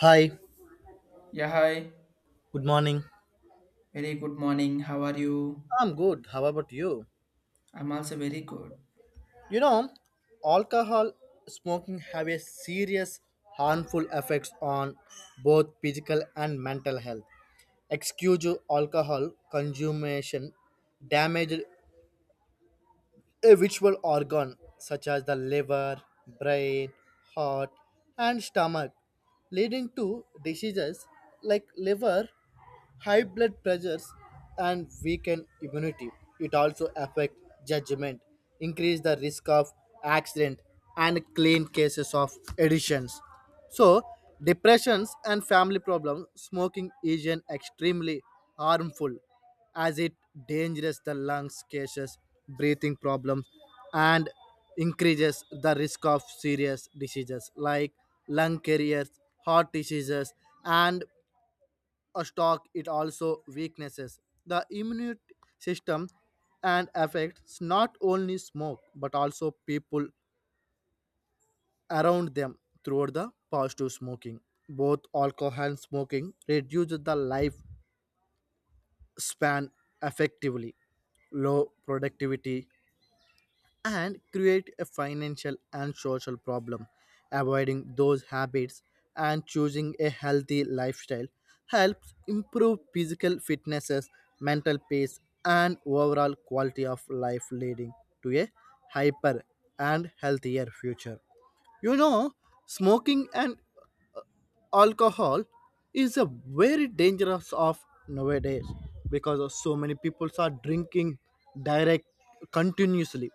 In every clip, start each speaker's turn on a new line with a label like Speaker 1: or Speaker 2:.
Speaker 1: Hi,
Speaker 2: Yeah, hi.
Speaker 1: good morning.
Speaker 2: Very good morning. How are you?
Speaker 1: I'm good. How about you?
Speaker 2: I'm also very good.
Speaker 1: You know, alcohol smoking have a serious harmful effects on both physical and mental health. Excuse alcohol consumption damage a visual organ such as the liver, brain, heart, and stomach, leading to diseases like liver, high blood pressures, and weakened immunity. It also affects judgment, increase the risk of accident, and clean cases of additions. So, depressions and family problems, smoking is an extremely harmful as it dangerous the lungs, cases, breathing problems, and increases the risk of serious diseases like lung caries, heart diseases, and a stroke. It also weaknesses the immune system and affects not only smoke but also people around them throughout the past to smoking. Both alcohol and smoking reduce the life span effectively, low productivity, and create a financial and social problem. Avoiding those habits and choosing a healthy lifestyle helps improve physical fitnesses, mental peace, and overall quality of life, leading to a hyper and healthier future. You know, smoking and alcohol is a very dangerous of nowadays because of so many people are drinking direct continuously,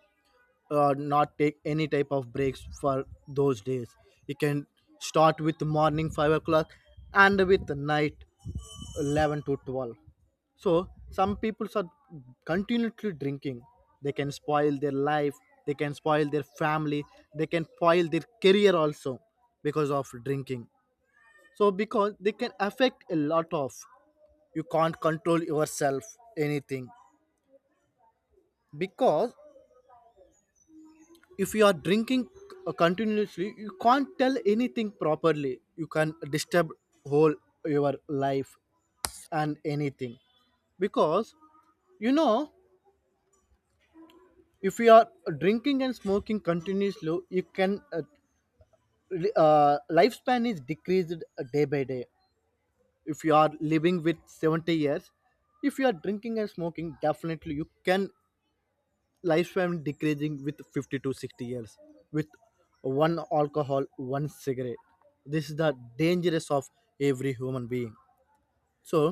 Speaker 1: not take any type of breaks for those days. You can start with morning 5 o'clock and with night 11 to 12, so some people are continuously drinking. They can spoil their life. They can spoil their family. They can spoil their career also because of drinking. So because they can affect a lot of, you can't control yourself anything, because if you are drinking continuously, you can't tell anything properly. You can disturb whole your life and anything because you know if you are drinking and smoking continuously, you can lifespan is decreased day by day. If you are living with 70 years, if you are drinking and smoking definitely you can lifespan decreasing with 50 to 60 years with one alcohol one cigarette. This is the dangerous of every human being. So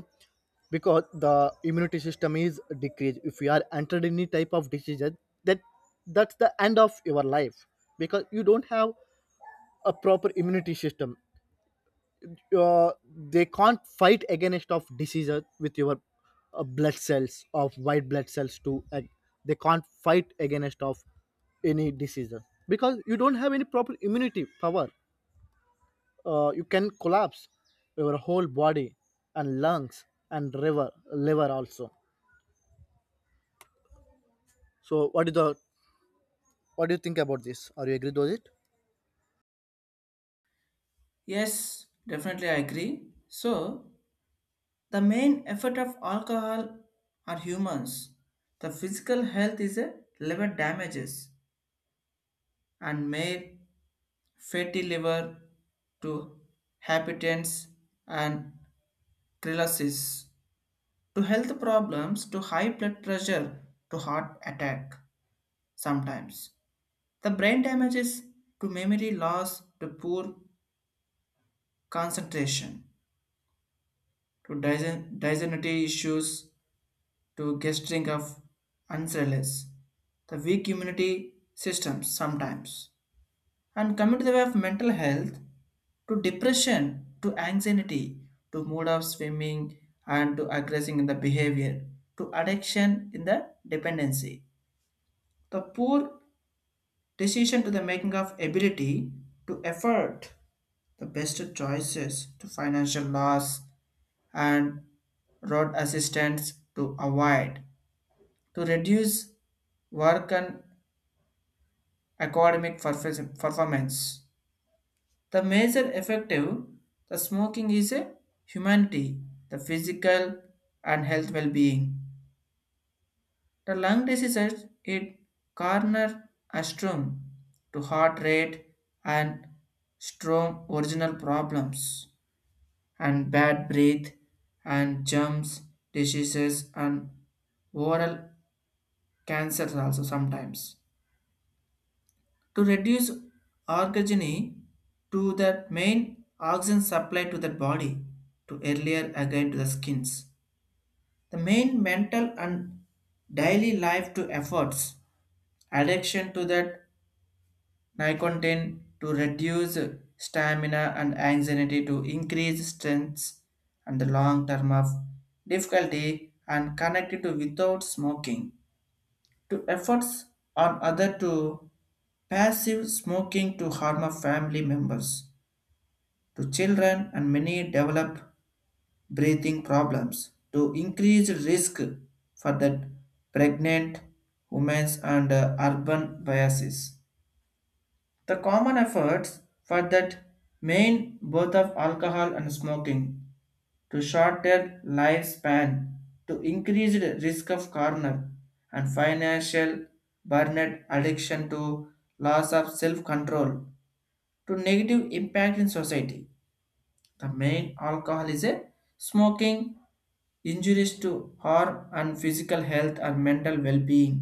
Speaker 1: because the immunity system is decreased, if you are entered any type of diseases, that that's the end of your life because you don't have a proper immunity system. uh, they can't fight against of diseases with your blood cells of white blood cells too. They can't fight against of any diseases because you don't have any proper immunity power. You can collapse your whole body and lungs and liver also. So what is the, what do you think about this? Are you agree with it?
Speaker 2: Yes, definitely I agree. So, the main effect of alcohol are humans. The physical health is a liver damages and made fatty liver to hypertension and cirrhosis to health problems to high blood pressure to heart attack sometimes. The brain damages to memory loss to poor concentration to dysentery issues to gastric of ulcers, the weak immunity systems sometimes. And coming to the way of mental health, to depression, to anxiety, to mood of swimming and to aggressing in the behavior, to addiction in the dependency. The poor decision to the making of ability to effort the best choices to financial loss and road assistance to avoid to reduce work and academic performance. The major effective the smoking is a humanity, the physical and health well-being. The lung diseases it corner astrum to heart rate and strong original problems and bad breath and jumps diseases and oral cancers also sometimes. To reduce orgogeny to the main oxygen supply to the body to earlier again to the skins. The main mental and daily life to efforts, addiction to that nicotine to reduce stamina and anxiety to increase strength and the long term of difficulty and connected to without smoking to efforts on other to passive smoking to harm of family members to children and many develop breathing problems to increase risk for the pregnant women and urban biases the common efforts for that main both of alcohol and smoking to shorter lifespan to increased risk of corner and financial burnout addiction to loss of self-control to negative impact in society. The main alcohol is a smoking injuries to harm and physical health and mental well-being,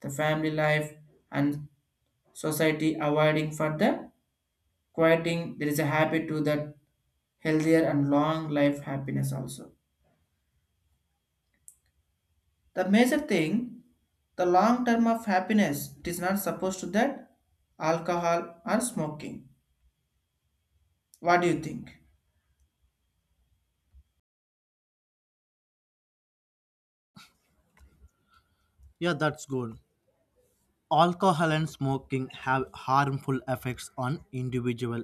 Speaker 2: the family life and society avoiding further quieting there is a habit to that healthier and long life happiness also. The major thing, the long term of happiness it is not supposed to that alcohol or smoking. What do you think?
Speaker 1: Yeah, that's good. Alcohol and smoking have harmful effects on individual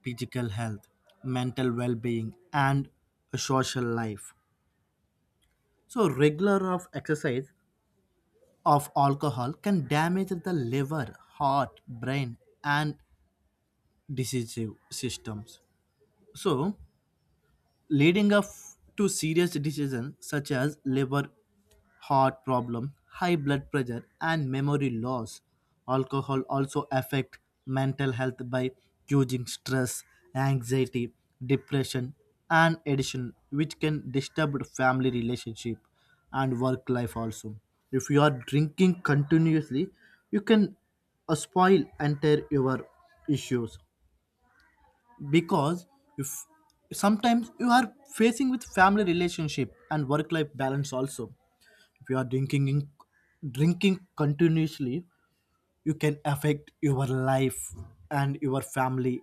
Speaker 1: physical health, mental well-being, and a social life. So regular of exercise of alcohol can damage the liver, heart, brain, and disease systems. So leading up to serious decisions such as liver, heart problem, high blood pressure, and memory loss. Alcohol also affect mental health by causing stress, anxiety, depression, and addiction, which can disturb family relationship and work life also. If you are drinking continuously, you can spoil enter your issues because if sometimes you are facing with family relationship and work life balance also. If you are drinking continuously, you can affect your life and your family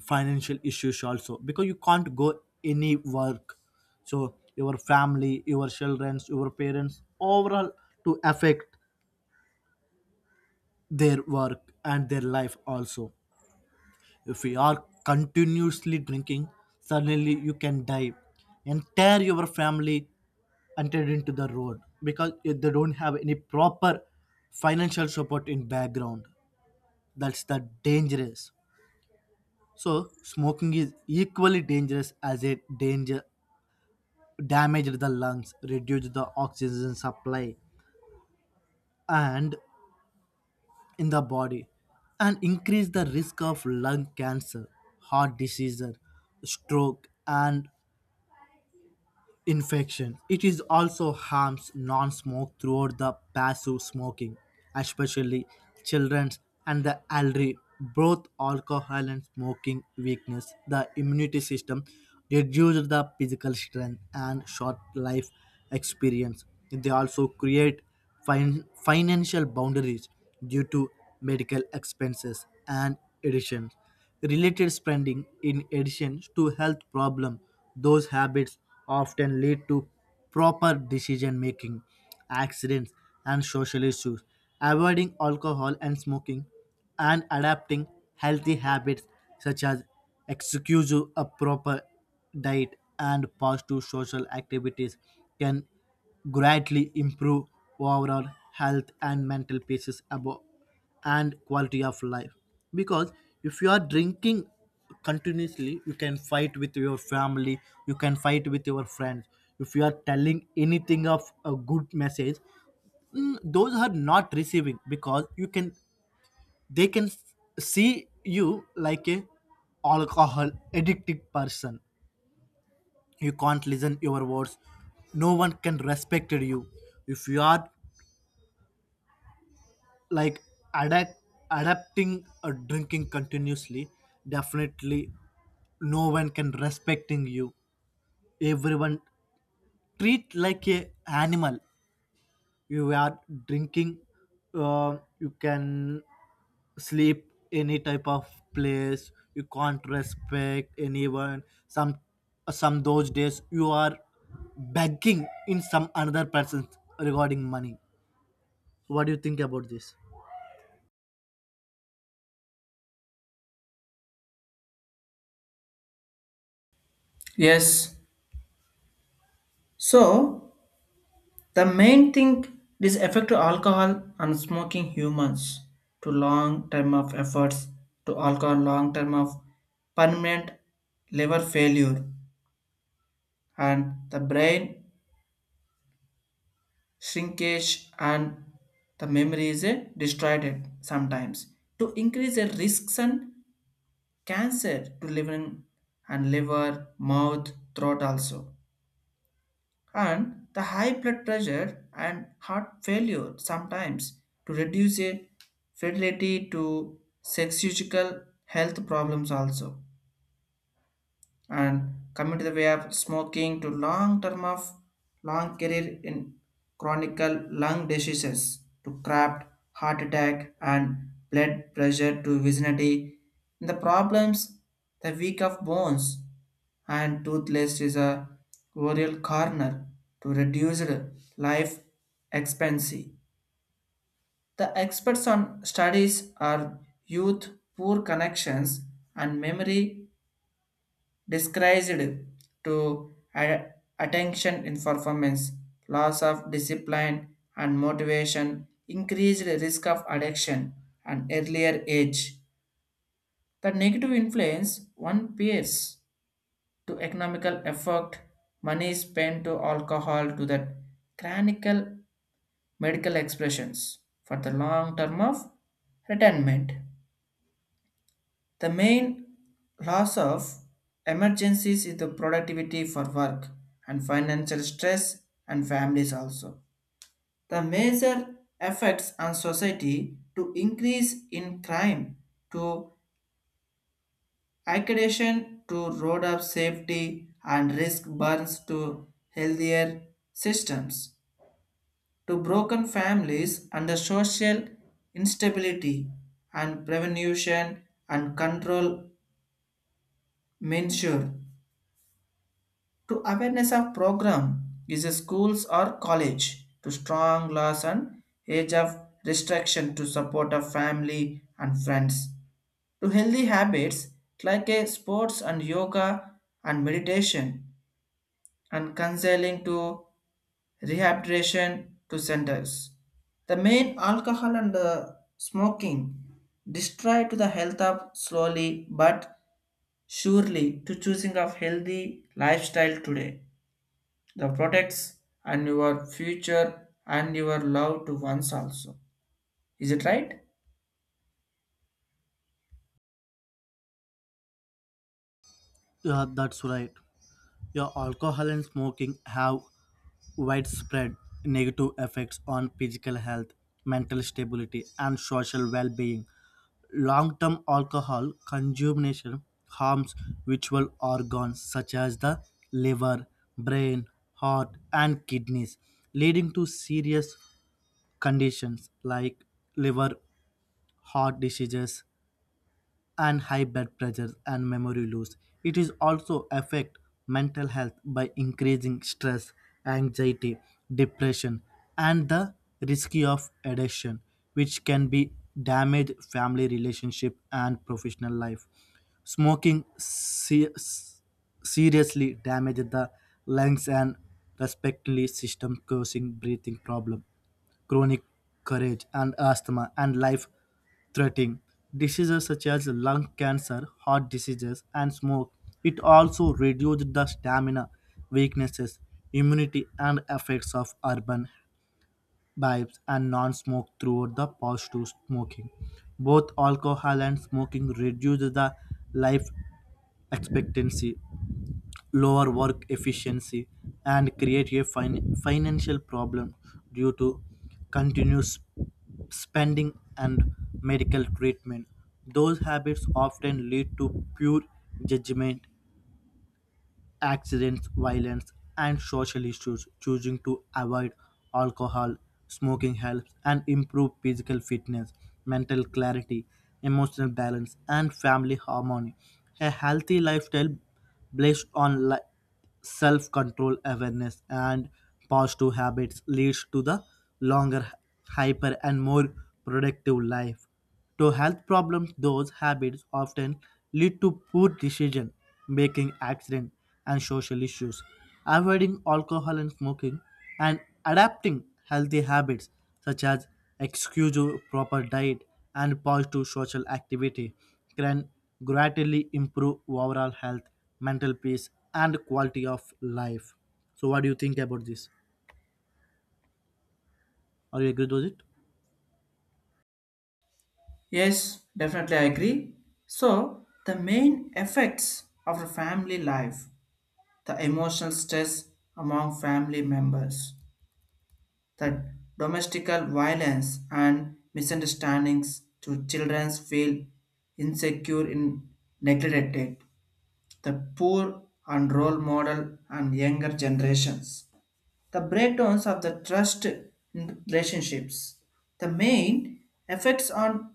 Speaker 1: financial issues also because you can't go any work. So your family, your children, your parents overall to affect their work and their life also. If we are continuously drinking, suddenly you can die. Entire your family entered into the road because they don't have any proper financial support in background. That's the dangerous. So smoking is equally dangerous as it danger damaged the lungs, reduced the oxygen supply and in the body and increase the risk of lung cancer, heart disease, stroke and infection. It is also harms non-smoke throughout the passive smoking, especially children and the elderly. Both alcohol and smoking weakness the immunity system, reduce the physical strength and short life experience. They also create financial boundaries due to medical expenses and additions related spending. In addition to health problem, those habits often lead to proper decision making, accidents and social issues. Avoiding alcohol and smoking and adapting healthy habits such as excuse a proper diet and positive social activities can greatly improve overall health and mental peace above and quality of life. Because if you are drinking continuously, you can fight with your family. You can fight with your friends. If you are telling anything of a good message, those are not receiving because you can, they can see you like a alcohol addicted person. You can't listen your words. No one can respect you. If you are like adapt adapting or drinking continuously, definitely no one can respecting you. Everyone treat like a animal. You are drinking, you can sleep any type of place. You can't respect anyone. Some some those days you are begging in some another person regarding money. What do you think about this?
Speaker 2: Yes. So the main thing is effect to alcohol and smoking humans to long term of efforts to alcohol long term of permanent liver failure and the brain shrinkage and the memory is destroyed sometimes to increase the risks and cancer to liver and liver, mouth, throat also, and the high blood pressure and heart failure sometimes to reduce a fertility to sexual health problems also. And coming to the way of smoking to long term of long career in chronic lung diseases to craft, heart attack and blood pressure to vicinity. The problems the weak of bones and toothpaste is a oral corner to reduce life expectancy. The experts on studies are youth poor connections and memory disguised to attention in performance, loss of discipline and motivation, increased risk of addiction and earlier age. The negative influence one peers to economical effort, money spent to alcohol to the chronic medical expressions for the long term of retirement. The main loss of emergencies is the productivity for work and financial stress and families also. The major effects on society to increase in crime to accreditation to road of safety and risk burns to healthier systems, to broken families under social instability and prevention and control measure, to awareness of program is a schools or college, to strong laws and age of restriction to support of family and friends, to healthy habits like a sports and yoga and meditation and counseling to rehabilitation to centers. The main alcohol and smoking destroy to the health of slowly but surely to choosing of healthy lifestyle today. The products and your future and your love to ones also. Is it right?
Speaker 1: Yeah, that's right. Yeah, alcohol and smoking have widespread negative effects on physical health, mental stability, and social well being. Long term alcohol consumption harms vital organs such as the liver, brain, heart, and kidneys, leading to serious conditions like liver, heart diseases, and high blood pressure and memory loss. It is also affect mental health by increasing stress, anxiety, depression, and the risk of addiction, which can be damage family relationship and professional life. Smoking seriously damages the lungs and respiratory system, causing breathing problem chronic courage and asthma and life threatening diseases such as lung cancer, heart diseases, and smoke. It also reduced the stamina, weaknesses, immunity, and effects of urban vibes and non smoke throughout the past to smoking. Both alcohol and smoking reduce the life expectancy, lower work efficiency and create a financial problem due to continuous spending and medical treatment. Those habits often lead to poor judgment, accidents, violence, and social issues. Choosing to avoid alcohol, smoking helps and improve physical fitness, mental clarity, emotional balance, and family harmony. A healthy lifestyle based on self control awareness and positive habits leads to the longer hyper and more productive life to health problems. Those habits often lead to poor decision making accident and social issues. Avoiding alcohol and smoking and adapting healthy habits such as excuse proper diet and positive social activity can gradually improve overall health, mental peace, and quality of life. So, what do you think about this? Are you agree with it?
Speaker 2: Yes, definitely I agree. So the main effects of the family life, the emotional stress among family members that domestical violence and misunderstandings to children feel insecure in neglected the poor and role model and younger generations the breakdowns of the trust in relationships the main effects on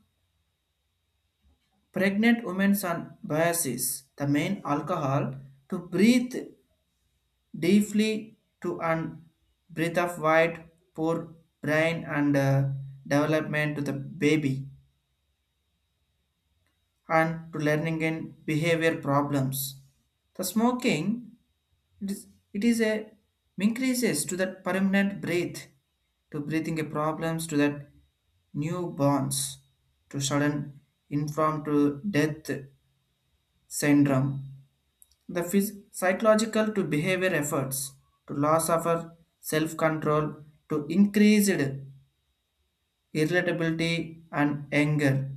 Speaker 2: pregnant women's on biases the main alcohol to breathe deeply to and breath of white poor brain and development to the baby and to learning and behavior problems the smoking it is, it is a increases to that permanent breath to breathing a problems to that newborns, to sudden inform to death syndrome. The psychological to behavior efforts to loss of our self-control to increased irritability and anger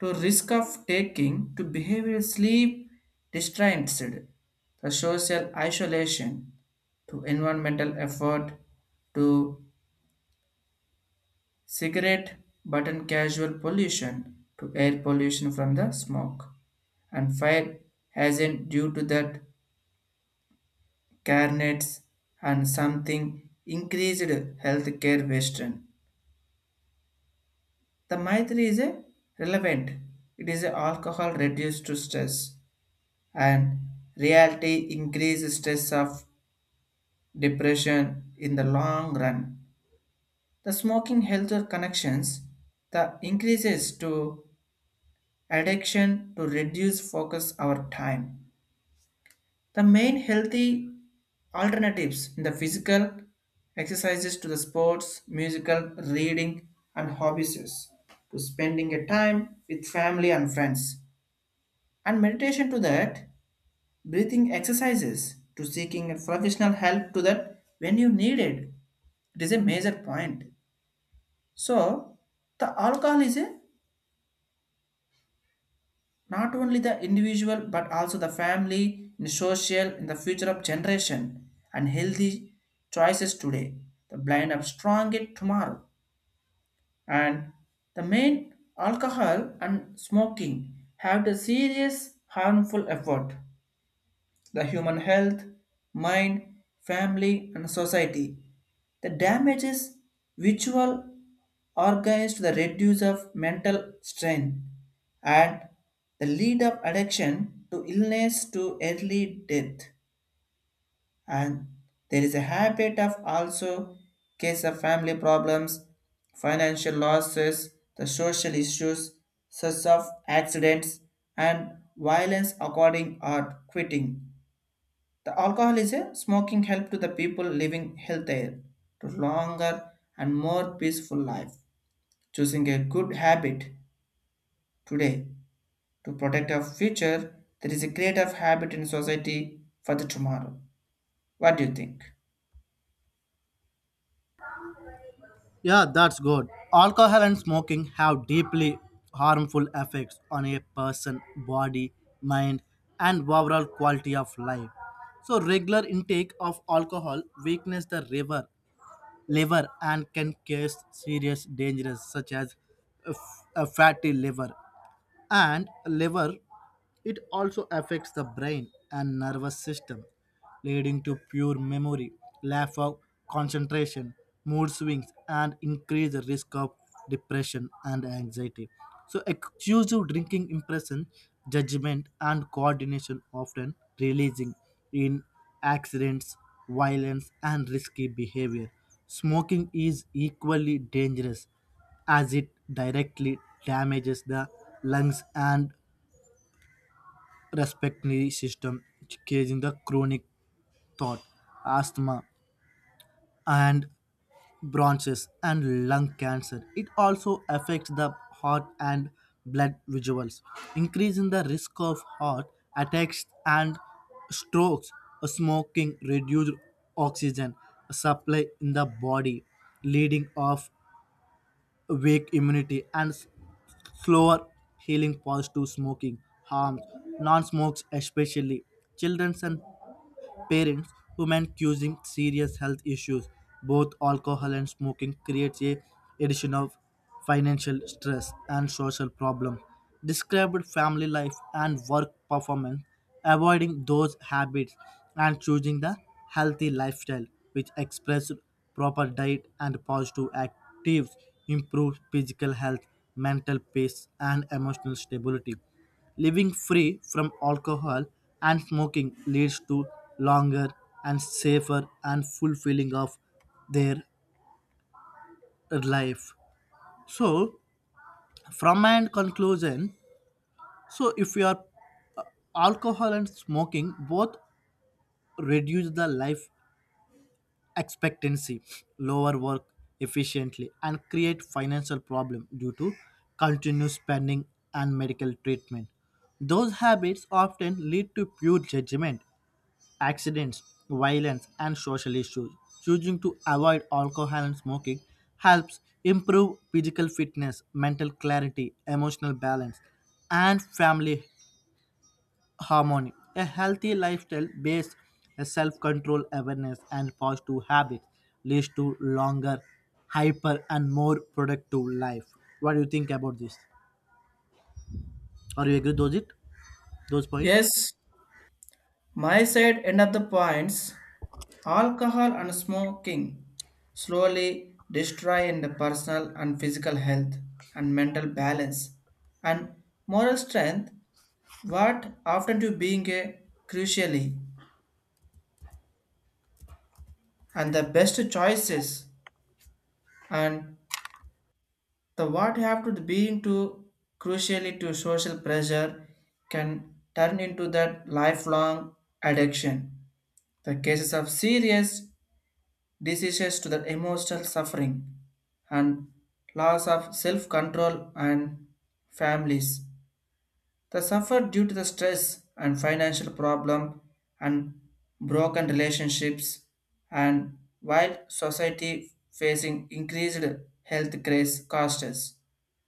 Speaker 2: to risk of taking to behavior sleep distraints the social isolation to environmental effort to cigarette button casual pollution to air pollution from the smoke and fire hazard due to that care nets and something increased healthcare western. The Maitri is a relevant. It is a alcohol reduced to stress and reality increases stress of depression in the long run. The smoking health connections the increases to addiction to reduce focus our time. The main healthy alternatives in the physical exercises to the sports, musical, reading, and hobbies, to spending a time with family and friends, and meditation to that, breathing exercises, to seeking a professional help to that when you need it. It is a major point. So, the alcohol is a not only the individual but also the family in social in the future of generation and healthy choices today the blind up strong it tomorrow and the main alcohol and smoking have the serious harmful effort the human health, mind, family, and society. The damage is visual, organized to the reduce of mental strain and the lead of addiction to illness to early death. And there is a habit of also case of family problems, financial losses, the social issues such as accidents and violence according or quitting the alcohol is a smoking help to the people living healthier, to longer and more peaceful life. Choosing a good habit today to protect our future, there is a creative habit in society for the tomorrow. What do you think?
Speaker 1: Yeah, that's good. Alcohol and smoking have deeply harmful effects on a person, body, mind, and overall quality of life. So, regular intake of alcohol weakens the liver and can cause serious dangers such as a fatty liver and liver. It also affects the brain and nervous system leading to poor memory, lack of concentration, mood swings and increased risk of depression and anxiety. So excessive drinking impression judgment and coordination often releasing in accidents, violence and risky behavior. Smoking is equally dangerous, as it directly damages the lungs and respiratory system, causing the chronic thought asthma, and bronchitis and lung cancer. It also affects the heart and blood visuals, increasing the risk of heart attacks and strokes. Smoking reduced oxygen supply in the body, leading of weak immunity and slower healing. Positive smoking harms non smokes especially children and parents, women causing serious health issues. Both alcohol and smoking creates a addition of financial stress and social problem. Described family life and work performance, avoiding those habits and choosing the healthy lifestyle which express proper diet and positive actives improves physical health, mental peace and emotional stability. Living free from alcohol and smoking leads to longer and safer and fulfilling of their life. So, from my end conclusion, so if you are uh, alcohol and smoking both reduce the life expectancy, lower work efficiently, and create financial problem due to continuous spending and medical treatment. Those habits often lead to poor judgment accidents, violence, and social issues. Choosing to avoid alcohol and smoking helps improve physical fitness, mental clarity, emotional balance, and family harmony. A healthy lifestyle based on self control, awareness, and positive habits leads to longer, hyper, and more productive life. What do you think about this? Are you agree with those it? Those points?
Speaker 2: Yes, my side end of the points. Alcohol and smoking slowly destroy in the personal and physical health and mental balance and moral strength. What often to being a crucially and the best choices and the what have to being to crucially to social pressure can turn into that lifelong addiction. The cases of serious diseases to the emotional suffering and loss of self-control and families. They suffer due to the stress and financial problem and broken relationships and while society facing increased health crisis, costs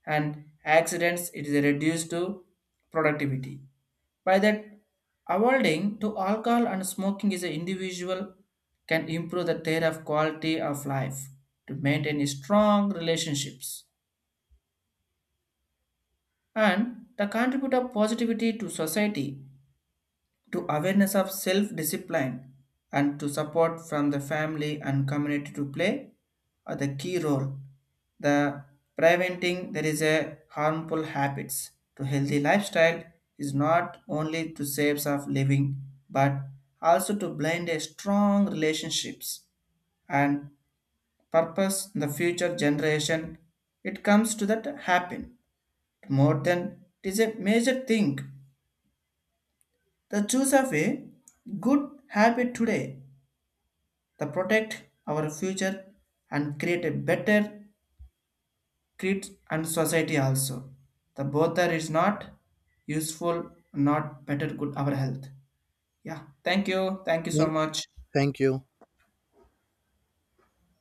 Speaker 2: and accidents it is reduced to productivity. By that avoiding to alcohol and smoking is an individual can improve the their of quality of life to maintain strong relationships and to contribute a positivity to society to awareness of self-discipline and to support from the family and community to play are the key role. The preventing there is a harmful habits to healthy lifestyle is not only to saves of living but also to blend a strong relationships and purpose in the future generation. It comes to that happen more than it is a major thing. The choose of a good habit today to protect our future and create a better kids and society also. The both are is not useful, not better good our health. Yeah, thank you. Thank you so
Speaker 1: Thank
Speaker 2: much.
Speaker 1: thank you.